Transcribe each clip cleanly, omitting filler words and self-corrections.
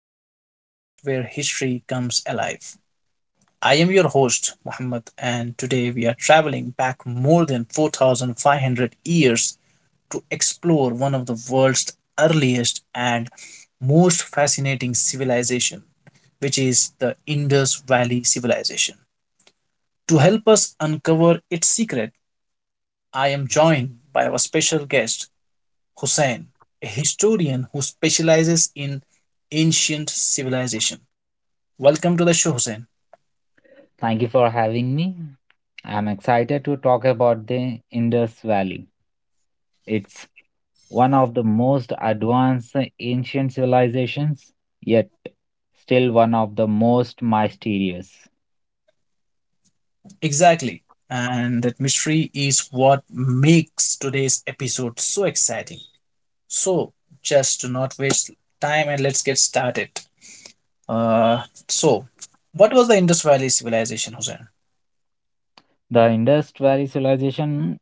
the podcast where history comes alive. I am your host, Muhammad, and today we are traveling back more than 4,500 years to explore one of the world's earliest and most fascinating civilization, which is the Indus Valley Civilization. To help us uncover its secret, I am joined by our special guest, Hussain, a historian who specializes in ancient civilization. Welcome to the show, Hussein. Thank you for having me. I'm excited to talk about the Indus Valley. It's one of the most advanced ancient civilizations, yet still one of the most mysterious. Exactly. And that mystery is what makes today's episode so exciting. So, just do not waste time and let's get started. Uh, so, what was the Indus Valley Civilization, Hussein? The Indus Valley civilization,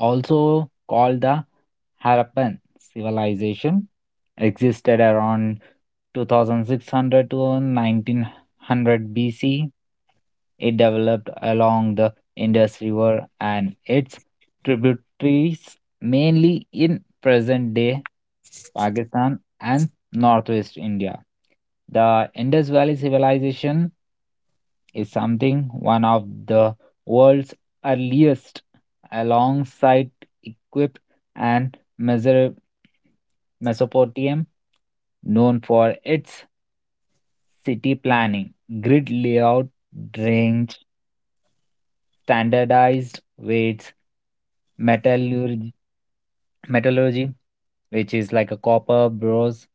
also called the Harappan civilization, existed around 2600 to 1900 BC. It developed along the Indus River and its tributaries, mainly in present day Pakistan and northwest India. The Indus Valley Civilization is something one of the world's earliest, alongside Egypt and Mesopotamia, known for its city planning, grid layout, drainage, standardized weights, metallurgy, metallurgy, which is like a copper, bronze,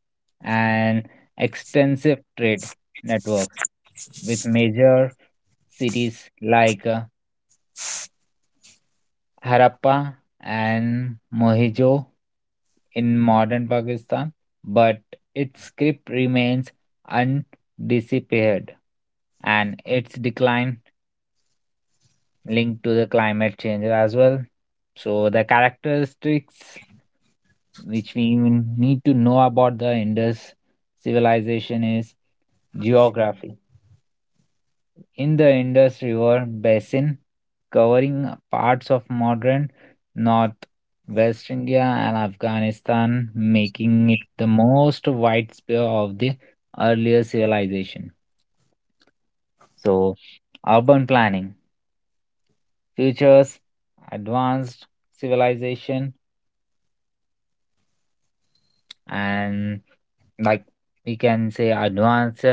and extensive trade networks with major cities like Harappa and Mohenjo in modern Pakistan, but its script remains undisappeared and its decline linked to the climate change as well. So the characteristics which we even need to know about the Indus civilization is geography. In the Indus River basin, covering parts of modern North West India and Afghanistan, making it the most widespread of the earlier civilization. So urban planning features advanced civilization and, like, we can say advanced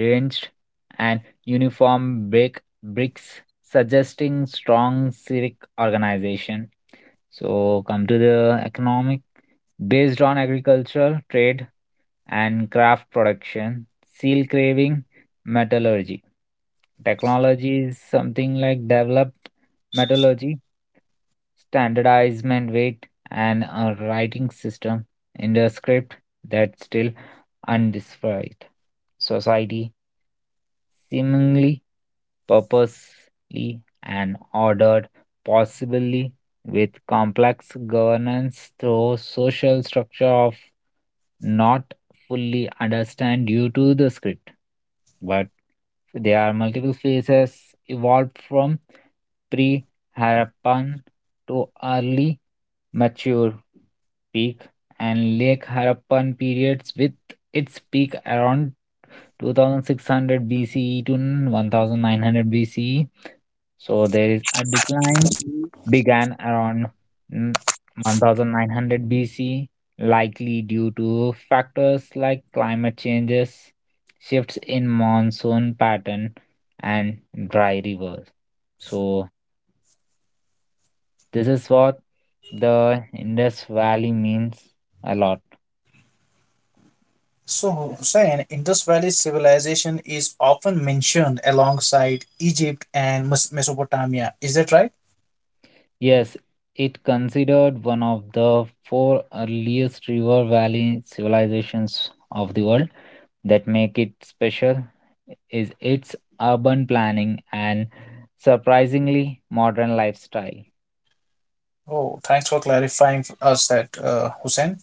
drenched and uniform bricks suggesting strong civic organization. So come to the economic, based on agricultural trade and craft production, seal carving, metallurgy. Technology is something like develop metallurgy, standardizement weight, and a writing system in the script that's still undescribed. Society seemingly purposely and ordered, possibly with complex governance through social structure of not fully understand due to the script. But there are multiple phases evolved from pre Harappan to early mature peak and late Harappan periods with its peak around 2600 BCE to 1900 BCE. So there is a decline began around mm, 1900 BCE, likely due to factors like climate changes, shifts in monsoon pattern, and dry rivers. So this is what the Indus Valley means a lot. So, Hussein, Indus Valley Civilization is often mentioned alongside Egypt and Mesopotamia. Is that right? Yes, it considered one of the four earliest river valley civilizations of the world. That make it special is its urban planning and surprisingly modern lifestyle. Oh, thanks for clarifying for us that, Hussein.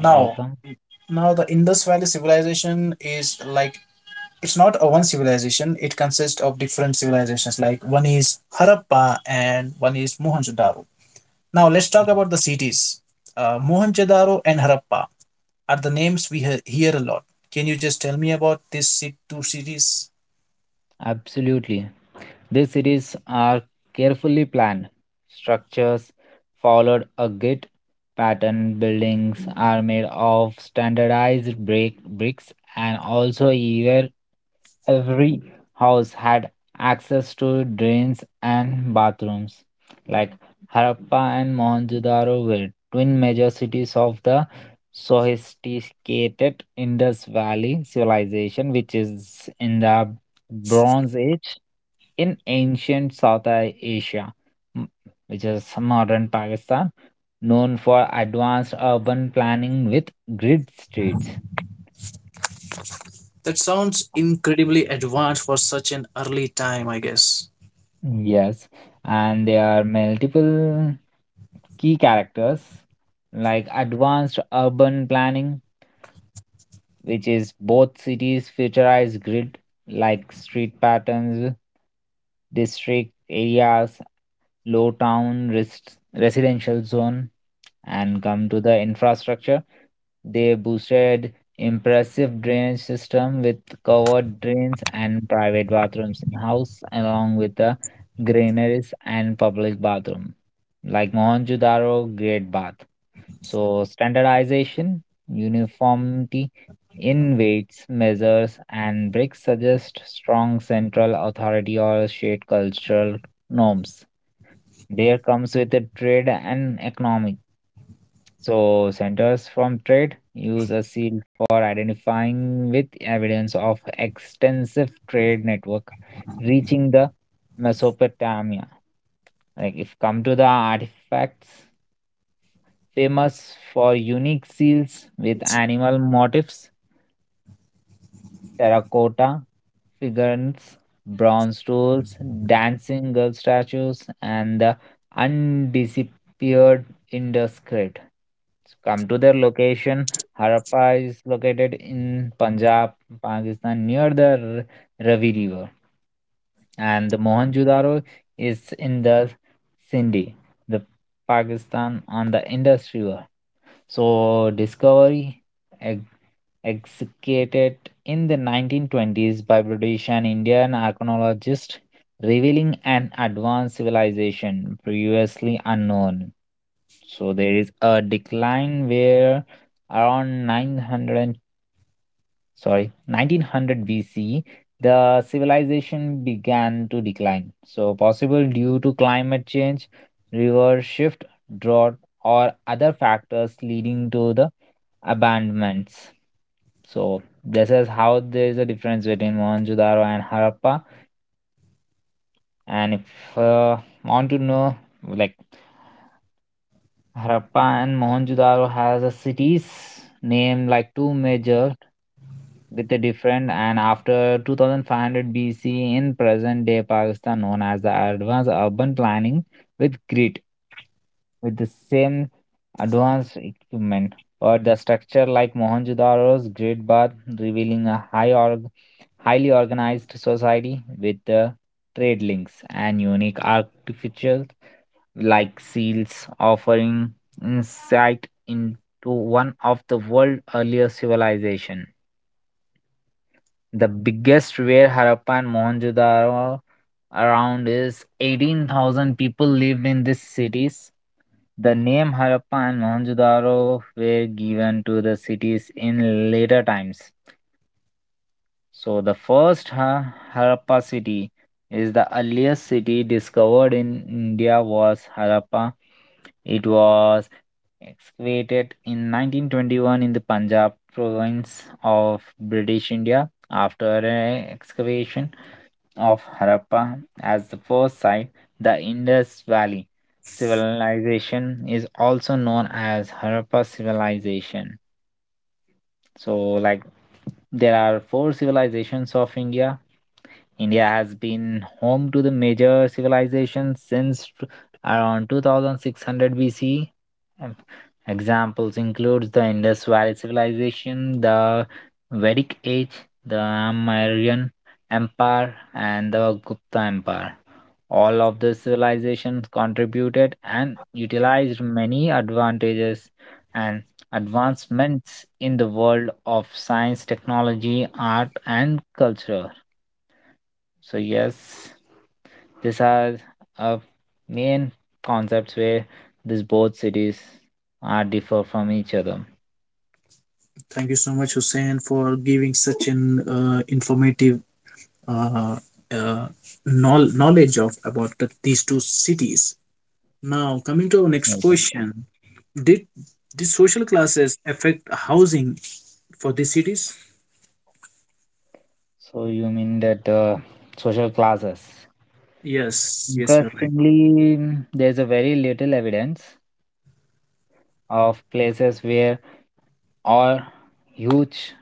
You're welcome. Now the Indus Valley civilization is like it's not a one civilization. It consists of different civilizations. Like one is Harappa and one is Mohenjo-daro. Now let's talk about the cities. Mohenjo-daro and Harappa are the names we hear a lot. Can you just tell me about these two cities? Absolutely. These series are carefully planned. Structures followed a grid pattern. Buildings are made of standardized bricks, and also either every house had access to drains and bathrooms. Like Harappa and Mohenjo-daro were twin major cities of the sophisticated Indus Valley civilization, which is in the Bronze Age in ancient South Asia, m- which is modern Pakistan, known for advanced urban planning with grid streets. That sounds incredibly advanced for such an early time, I guess. Yes, and there are multiple key characters like advanced urban planning, which is both cities futurized grid like street patterns, district areas, low town residential zone, and come to the infrastructure. They boosted impressive drainage system with covered drains and private bathrooms in house along with the granaries and public bathroom like Mohenjo-daro Great Bath. So standardization, uniformity in weights, measures and bricks suggest strong central authority or shared cultural norms. There comes with the trade and economic, so centers from trade use a seal for identifying with evidence of extensive trade network reaching the Mesopotamia. Like, if come to the artifacts, famous for unique seals with animal motifs, terracotta figurines, bronze tools, dancing girl statues, and the undisappeared Indus script. So come to their location. Harappa is located in Punjab, Pakistan, near the Ravi River, and the Mohenjo-daro is in the Sindhi, the Pakistan, on the Indus River. So discovery, e- executed in the 1920s by British and Indian archaeologists, revealing an advanced civilization previously unknown. So there is a decline where around 1900 BC, the civilization began to decline. So possible due to climate change, river shift, drought, or other factors leading to the abandonments. So this is how there is a difference between Mohenjo-daro and Harappa. And if want to know, like, Harappa and Mohenjo-daro has a cities named like two major with a different and after 2500 BC in present day Pakistan known as the advanced urban planning with grid with the same advanced equipment but the structure like Mohenjo-daro's grid bath revealing a high highly organized society with the trade links and unique architecture like seals, offering insight into one of the world's earlier civilization. The biggest were Harappa and Mohenjo-daro around is 18,000 people lived in these cities. The name Harappa and Mohenjo-daro were given to the cities in later times. So the first Harappa city is the earliest city discovered in India was Harappa. It was excavated in 1921 in the Punjab province of British India after an excavation of Harappa as the first site. The Indus Valley civilization is also known as Harappa civilization. So, like, there are four civilizations of India. India has been home to the major civilizations since around 2600 BC. Um, Examples includes the Indus Valley Civilization, the Vedic Age, the Mauryan Empire, and the Gupta Empire. All of the civilizations contributed and utilized many advantages and advancements in the world of science, technology, art, and culture. So, yes, these are uh, main concepts where these both cities are differ from each other. Thank you so much, Hussein, for giving such an informative uh, uh, knowledge of about these two cities. Now, coming to our next Okay. question, did the social classes affect housing for these cities? So you mean that the social classes? Yes, yes, you're right. Interestingly, there's a very little evidence of places where or huge,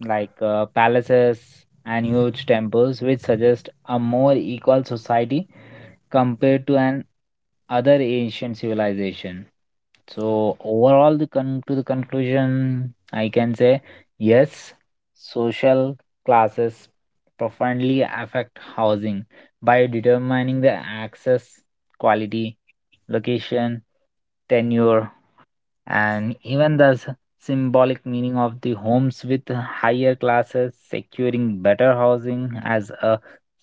like, palaces and huge temples which suggest a more equal society compared to an other ancient civilization. So overall the to the conclusion, I can say yes, social classes profoundly affect housing by determining the access, quality, location, tenure, and even the symbolic meaning of the homes, with higher classes securing better housing as a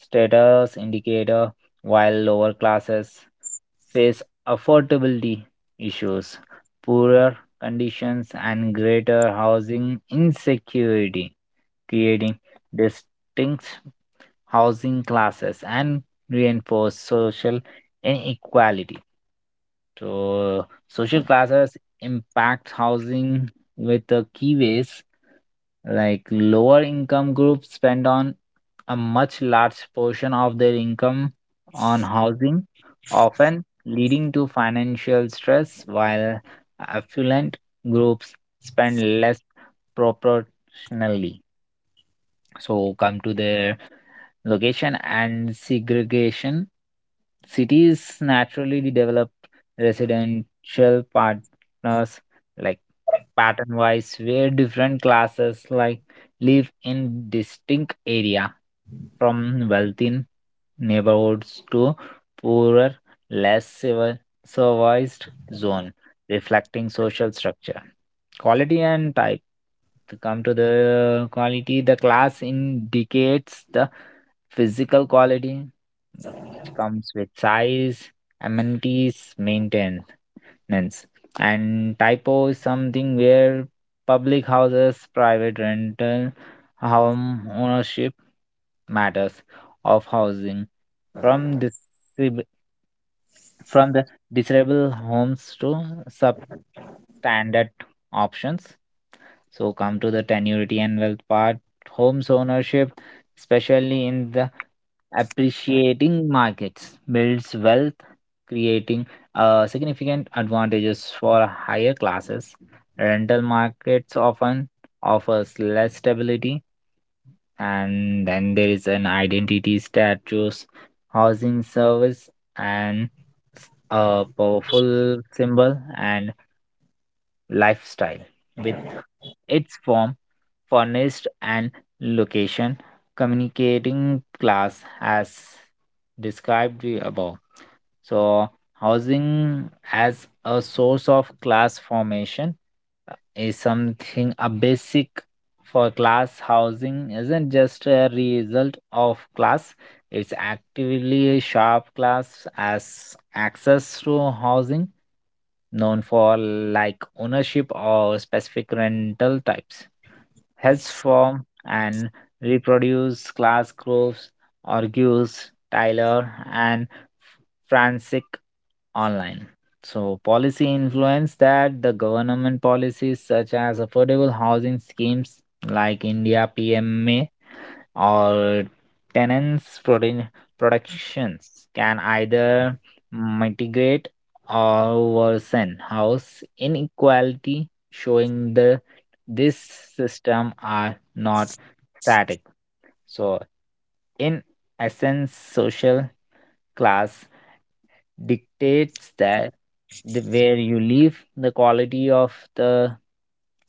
status indicator, while lower classes face affordability issues, poorer conditions and greater housing insecurity, creating distinct housing classes and reinforce social inequality. So social classes impact housing with the key ways, like lower income groups spend on a much large portion of their income on housing, often leading to financial stress, while affluent groups spend less proportionally. So come to their location and segregation. Cities naturally developed residential partners, like pattern wise, where different classes like live in distinct area, from wealthy neighborhoods to poorer, less civilized zone, reflecting social structure. Quality and type. To come to the quality, the class indicates the physical quality, which comes with size, amenities, maintenance. And typo is something where public houses, private rental, home ownership matters of housing, from this, from the desirable homes to substandard options. So come to the tenuity and wealth part, homes ownership, especially in the appreciating markets, builds wealth, creating significant advantages for higher classes. Rental markets often offers less stability. And then there is an identity statues, housing service and a powerful symbol and lifestyle with its form furnished and location communicating class as described we above. So housing as a source of class formation, is something a basic for class. Housing isn't just a result of class, it's actively a sharp class, as access to housing known for like ownership or specific rental types helps form and reproduce class groups, argues Tyler and Francis online. So policy influence, that the government policies such as affordable housing schemes like India PMA all tenants' protein productions can either mitigate or worsen house inequality, showing the this system are not static. So in essence, social class dictates that the, where you live, the quality of the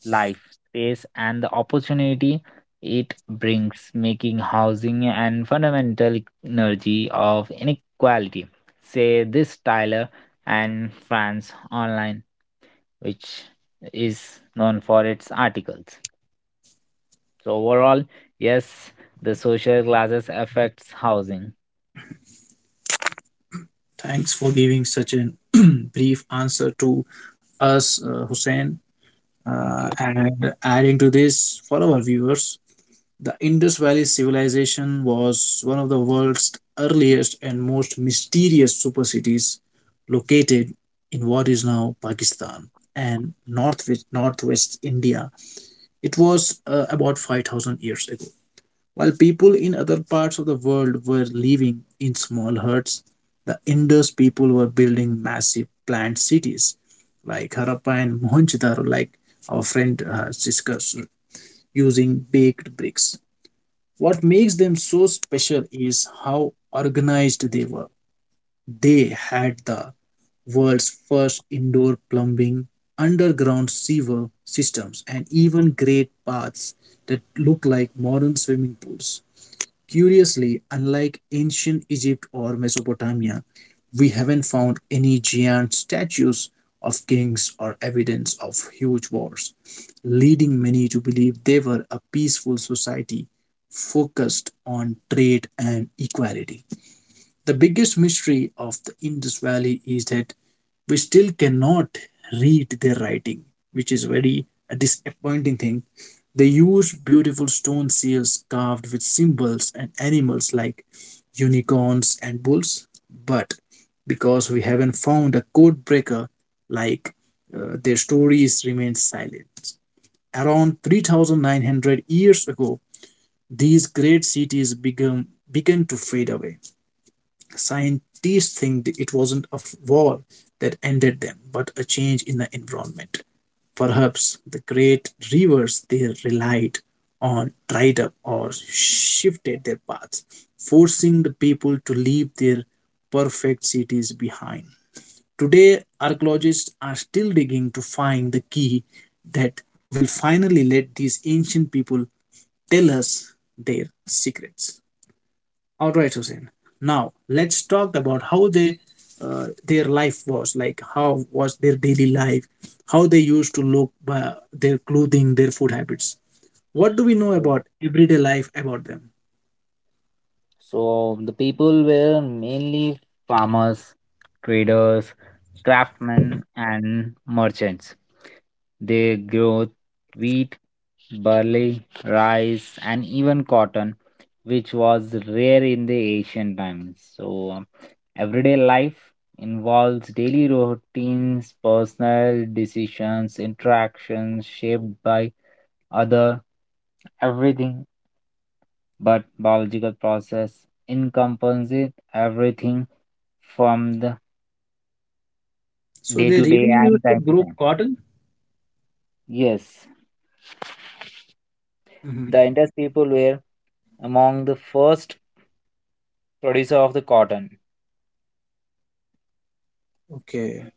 life, space, and the opportunity it brings, making housing and fundamental energy of inequality. Say this Tyler and France Online, which is known for its articles. So overall, yes, the social classes affects housing. Thanks for giving such a brief answer to us, Hussein. Thank And adding to this for our viewers, the Indus Valley Civilization was one of the world's earliest and most mysterious super cities located in what is now Pakistan and northwest India. It was about 5,000 years ago. While people in other parts of the world were living in small huts, the Indus people were building massive planned cities like Harappa and Mohenjo-daro, like our friend has discussed, using baked bricks. What makes them so special is how organized they were. They had the world's first indoor plumbing, underground sewer systems, and even great baths that look like modern swimming pools. Curiously, unlike ancient Egypt or Mesopotamia, we haven't found any giant statues of kings or evidence of huge wars, leading many to believe they were a peaceful society focused on trade and equality. The biggest mystery of the Indus Valley is that we still cannot read their writing, which is very a disappointing thing. They use beautiful stone seals carved with symbols and animals like unicorns and bulls, but because we haven't found a code breaker like their stories remain silent. Around 3,900 years ago, these great cities began to fade away. The scientists think that it wasn't a war that ended them, but a change in the environment. Perhaps the great rivers they relied on dried up or shifted their paths, forcing the people to leave their perfect cities behind. Today, archaeologists are still digging to find the key that will finally let these ancient people tell us their secrets. All right, Hussein. Now let's talk about how they, their life was like. How was their daily life? How they used to look, by their clothing, their food habits. What do we know you. about everyday life about them? So the people were mainly farmers, traders, craftsmen, and merchants. They grow wheat, barley, rice, and even cotton, which was rare in the ancient times. So everyday life involves daily routines, personal decisions, interactions shaped by other everything but biological process encompasses everything from the So day they to day really and used to time to grow time. cotton. Yes, the Hmm. Indus people were among the first producer of the cotton. Okay.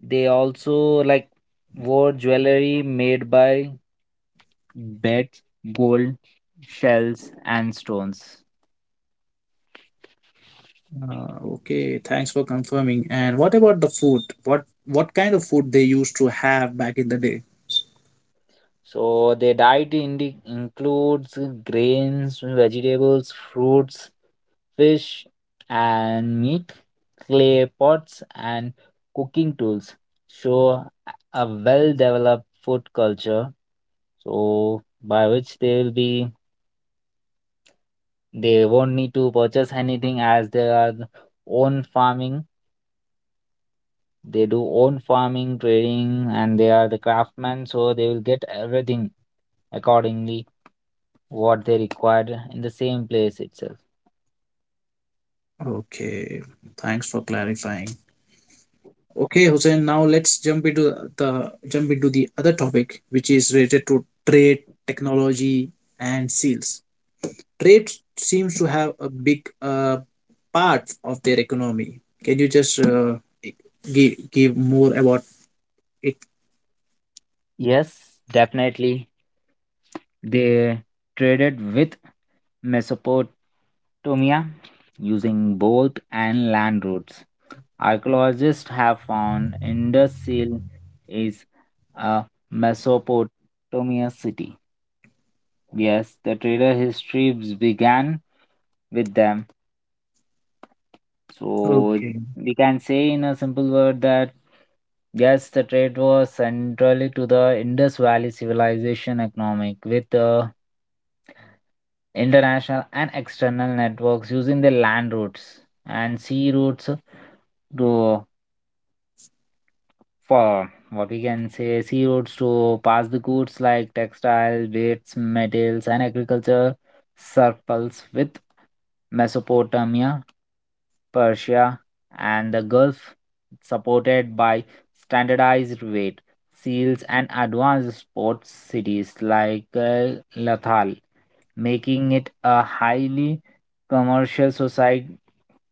They also, like, wore jewelry made by beds, gold, shells, and stones. Okay. Thanks for confirming. And what about the food? What kind of food they used to have back in the day? So their diet includes grains, vegetables, fruits, fish and meat, clay pots and cooking tools. Show a well-developed food culture. So by which they will be, they won't need to purchase anything as they are the own farming. They do own farming, trading, and they are the craftsmen, so they will get everything accordingly what they required in the same place itself. Okay. Thanks for clarifying. Okay, Hussein, now let's jump into the other topic which is related to trade, technology and seals. Trade seems to have a big part of their economy. Can you just give more about it? Yes, definitely. They traded with Mesopotamia using both and land routes. Archaeologists have found Indus Seal is a Mesopotamia city. Yes, the trader histories began with them. So Okay. we can say in a simple word that yes, the trade was centrally to the Indus Valley civilization economic with international and external networks using the land routes and sea routes to, for what we can say, sea routes to pass the goods like textile, dates, metals, and agriculture circles with Mesopotamia, Persia, and the Gulf, supported by standardized weight seals and advanced port cities like Lathal, making it a highly commercial society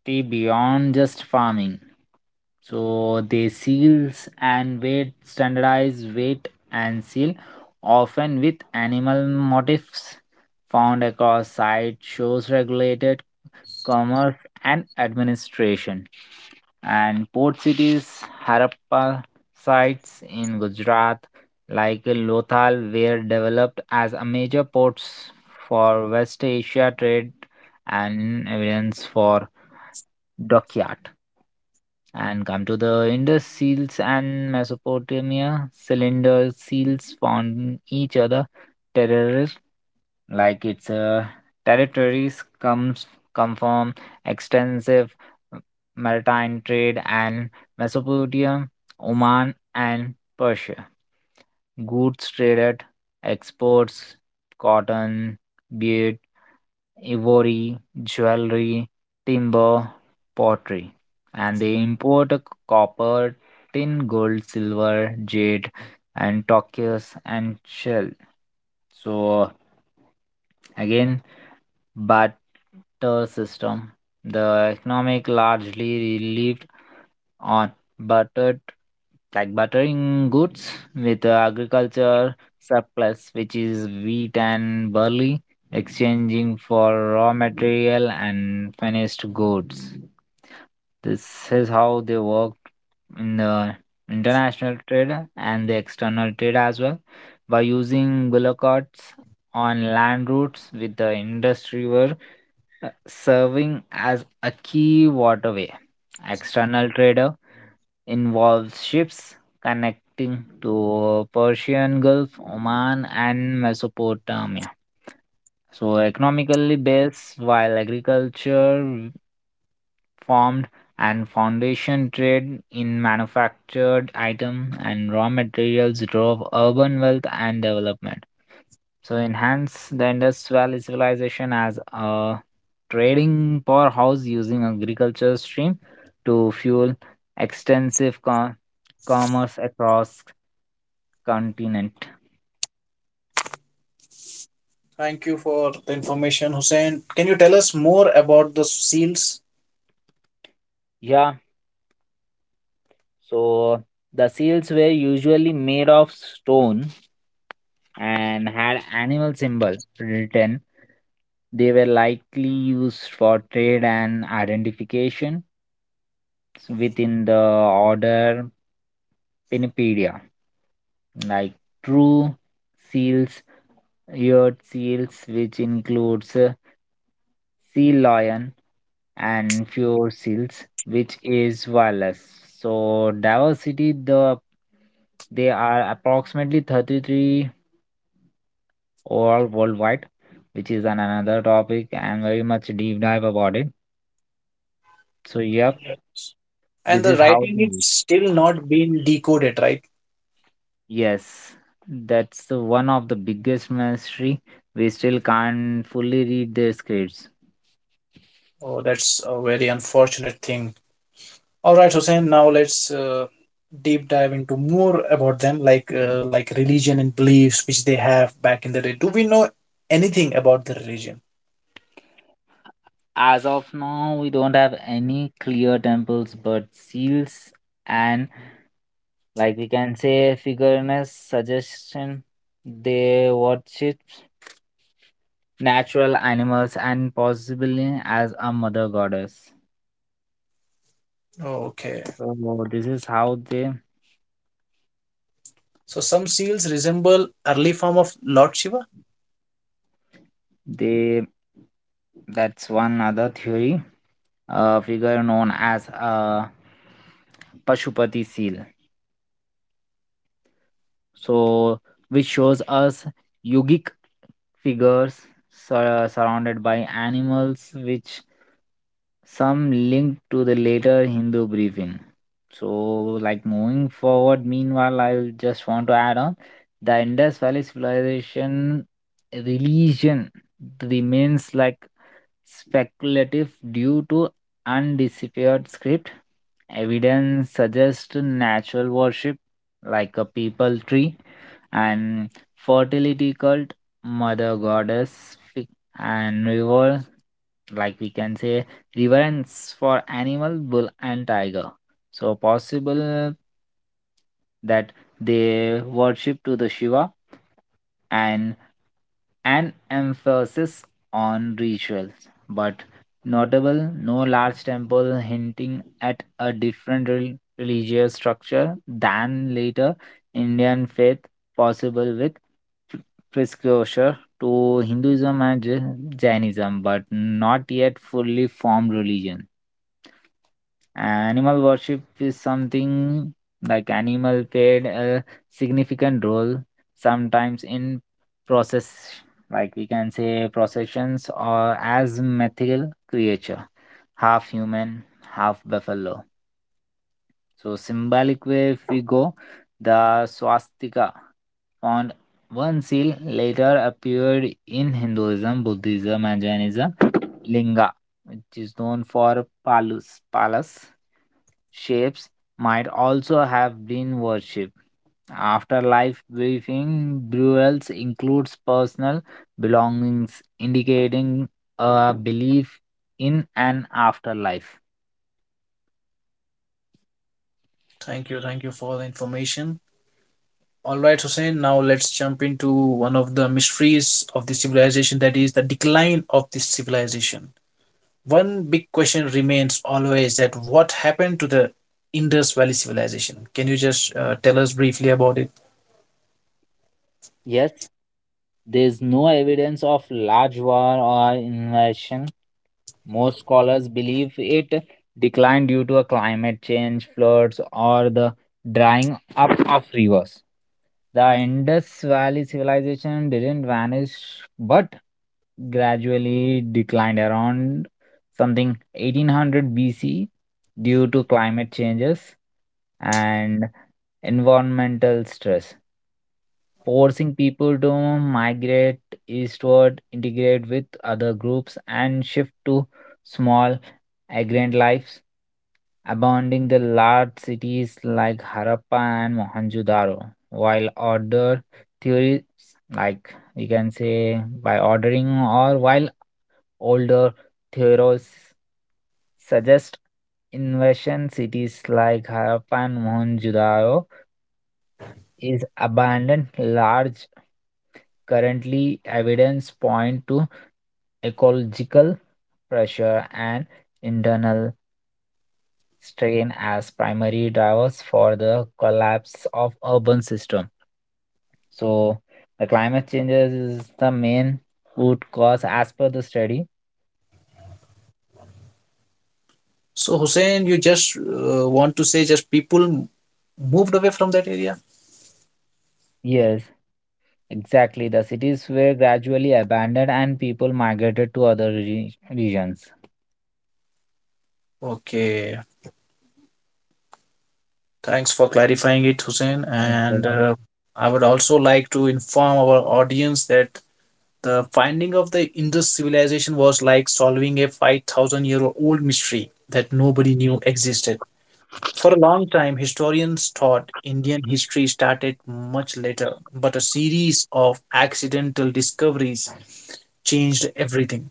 beyond just farming. So they seals and weight, standardize weight and seal, often with animal motifs found across site shows regulated commerce, and administration. And port cities, Harappa sites in Gujarat, like Lothal, were developed as a major ports for West Asia trade and evidence for dockyard. And come to the Indus seals and Mesopotamia, cylinder seals found in each other, terrorist like its territories come from extensive uh, maritime trade and Mesopotamia, Oman, and Persia. Goods traded, exports, cotton, bead, ivory, jewelry, timber, pottery, and they import a copper, tin, gold, silver, jade, and turquoise and shell. So again, butter system. The economic largely relied on buttered like buttering goods with agriculture surplus, which is wheat and barley, exchanging for raw material and finished goods. This is how they worked in the international trade and the external trade as well by using bullock carts on land routes with the industry were serving as a key waterway. External trader involves ships connecting to Persian Gulf, Oman, and Mesopotamia. So economically based, while agriculture formed and foundation trade in manufactured item and raw materials drove urban wealth and development. So enhance the industrial civilization as a trading powerhouse using agriculture stream to fuel extensive commerce across continent. Thank you for the information, Hussein. Can you tell us more about the seals? Yeah, so the seals were usually made of stone and had animal symbol written. They were likely used for trade and identification within the order Pinnipedia, like true seals Yurt seals, which includes sea lion and fjord seals, which is wireless. So diversity, they are approximately 33 overall worldwide, which is another topic and very much deep dive about it. So yep, And this the is how writing they is live. still not been decoded, right? Yes, that's the one of the biggest mystery. We still can't fully read their scripts. Oh, that's a very unfortunate thing. All right, Hussein. Now let's deep dive into more about them, like religion and beliefs which they have back in the day. Do we know anything about the religion? As of now, we don't have any clear temples, but seals and like we can say figurines suggestion they worship natural animals and possibly as a mother goddess. Okay. So this is how they So some seals resemble early form of Lord Shiva. they that's one other theory. A figure known as a Pashupati seal. So, which shows us yogic figures surrounded by animals, which some link to the later Hindu briefing. So, like moving forward, meanwhile, I just want to add on the Indus Valley civilization religion remains like speculative due to undisputed script. Evidence suggests natural worship, like a people tree, and fertility cult, mother goddess, and river, like we can say, reverence for animal, bull, and tiger. So possible that they worship to the Shiva and an emphasis on rituals, but notable no large temple hinting at a different religious structure than later Indian faith, possible with pr- precursor to Hinduism and Jainism, but not yet fully formed religion. Animal worship is something like animal played a significant role sometimes in process like we can say processions or as mythical creature half human half buffalo so symbolic way if we go the swastika on one seal later appeared in Hinduism, Buddhism, and Jainism, linga which is known for palus palas shapes might also have been worshipped. Afterlife briefing burials includes personal belongings, indicating a belief in an afterlife. Thank you for the information. All right, Hussein. Now let's jump into one of the mysteries of the civilization, that is the decline of this civilization. One big question remains always that what happened to the Indus Valley civilization? Can you just tell us briefly about it? Yes, there is no evidence of large war or invasion. Most scholars believe it declined due to a climate change, floods, or the drying up of rivers. The Indus Valley civilization didn't vanish but gradually declined around something 1800 BC due to climate changes and environmental stress forcing people to migrate eastward, integrate with other groups, and shift to small agrarian lives, abandoning the large cities like Harappa and Mohenjo-daro. While order theories, like we can say by ordering, or while older theories suggest invasion cities like Harappa and Mohenjo-daro is abandoned large. Currently, evidence point to ecological pressure and internal strain as primary drivers for the collapse of urban system. So the climate changes is the main root cause as per the study. So Hussein, you just want to say just people moved away from that area? Yes, exactly. The cities were gradually abandoned and people migrated to other regions. Okay, thanks for clarifying it, Hussein. Okay. And I would also like to inform our audience that the finding of the Indus civilization was like solving a 5,000 year old mystery that nobody knew existed. For a long time, historians thought Indian history started much later, but a series of accidental discoveries changed everything.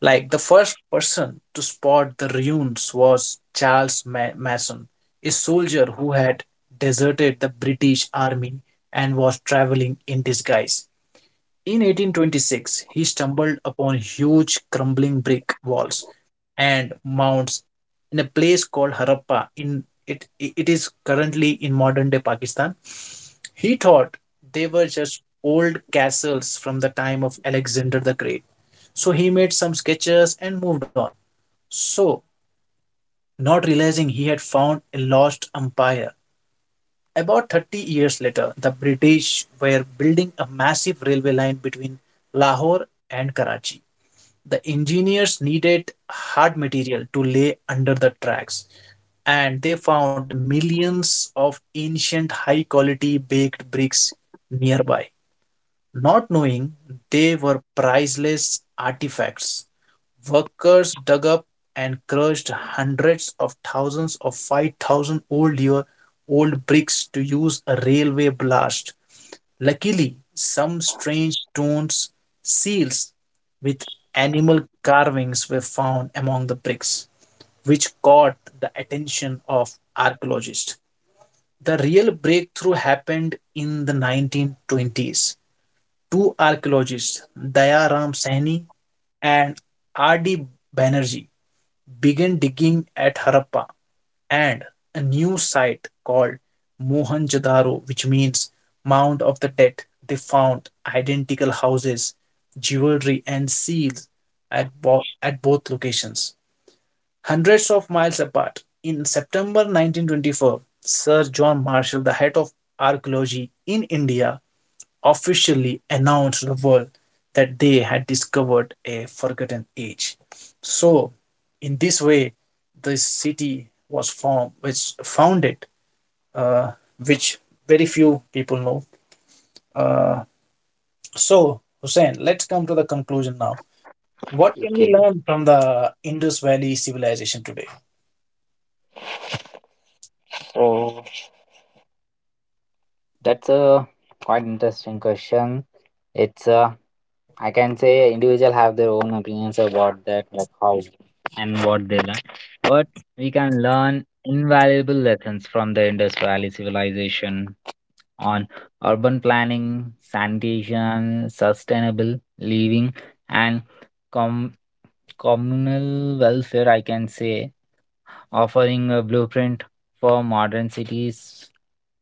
Like the first person to spot the ruins was Charles Mason, a soldier who had deserted the British army and was traveling in disguise. In 1826, he stumbled upon huge crumbling brick walls and mounds in a place called Harappa. In it, it is currently in modern day Pakistan. He thought they were just old castles from the time of Alexander the Great. So he made some sketches and moved on. So, Not realizing he had found a lost empire. About 30 years later, the British were building a massive railway line between Lahore and Karachi. The engineers needed hard material to lay under the tracks, and they found millions of ancient high quality baked bricks nearby, not knowing they were priceless artifacts. Workers dug up and crushed hundreds of thousands of 5,000 old year old bricks to use a railway blast. Luckily, some strange stones, seals with animal carvings were found among the bricks, which caught the attention of archaeologists. The real breakthrough happened in the 1920s. Two archaeologists, Dayaram Saini and R.D. Banerjee, began digging at Harappa and a new site called Mohenjo-daro, which means Mound of the Dead. They found identical houses, jewelry, and seals at, at both locations. Hundreds of miles apart, in September 1924, Sir John Marshall, the head of archaeology in India, officially announced to the world that they had discovered a forgotten age. So, in this way, this city was formed, which founded, uh, which very few people know. Uh, so, Hussein, let's come to the conclusion now. What can we Okay. learn from the Indus Valley civilization today? So that's a quite interesting question. It's a I can say individual have their own opinions about that, like how and what they learn. But we can learn invaluable lessons from the Indus Valley civilization on urban planning, sanitation, sustainable living, and communal welfare, I can say, offering a blueprint for modern cities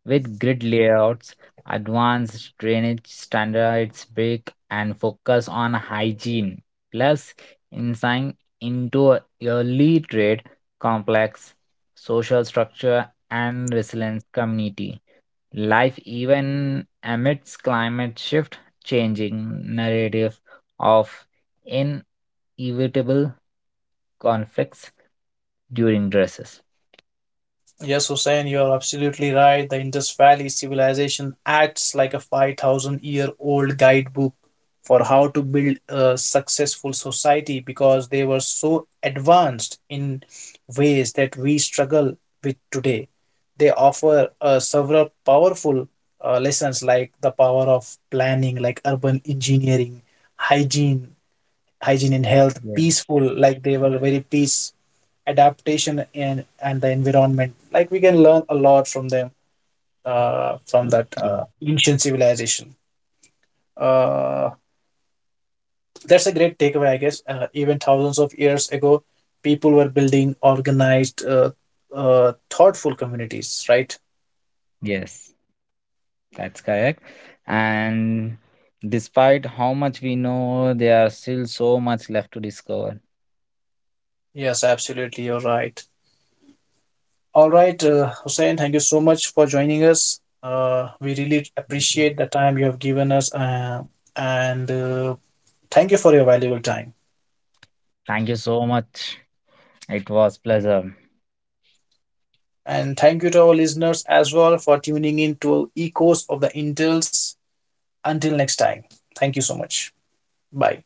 with grid layouts, advanced drainage standards, break, and focus on hygiene, plus insight into early trade complex, social structure, and resilience community. Life, even amidst climate shift, changing narrative of inevitable conflicts during dresses. Yes, Hussein, you are absolutely right. The Indus Valley civilization acts like a 5,000 year old guidebook for how to build a successful society because they were so advanced in ways that we struggle with today. They offer several powerful lessons like the power of planning, like urban engineering, hygiene, hygiene and health, Yeah. peaceful, like they were very peace adaptation and the environment, like we can learn a lot from them, uh, from that Yeah. uh, ancient civilization. uh, that's a great takeaway, I guess. Uh, even thousands of years ago, people were building organized, thoughtful communities, right? Yes, that's correct. And despite how much we know, there are still so much left to discover. Yes, absolutely, you're right. All right, Hussein, thank you so much for joining us. We really Yeah. appreciate the time you have given us, and thank you for your valuable time. Thank you so much. It was pleasure. And thank you to our listeners as well for tuning in to Echoes of the Intels. Until next time, thank you so much. Bye.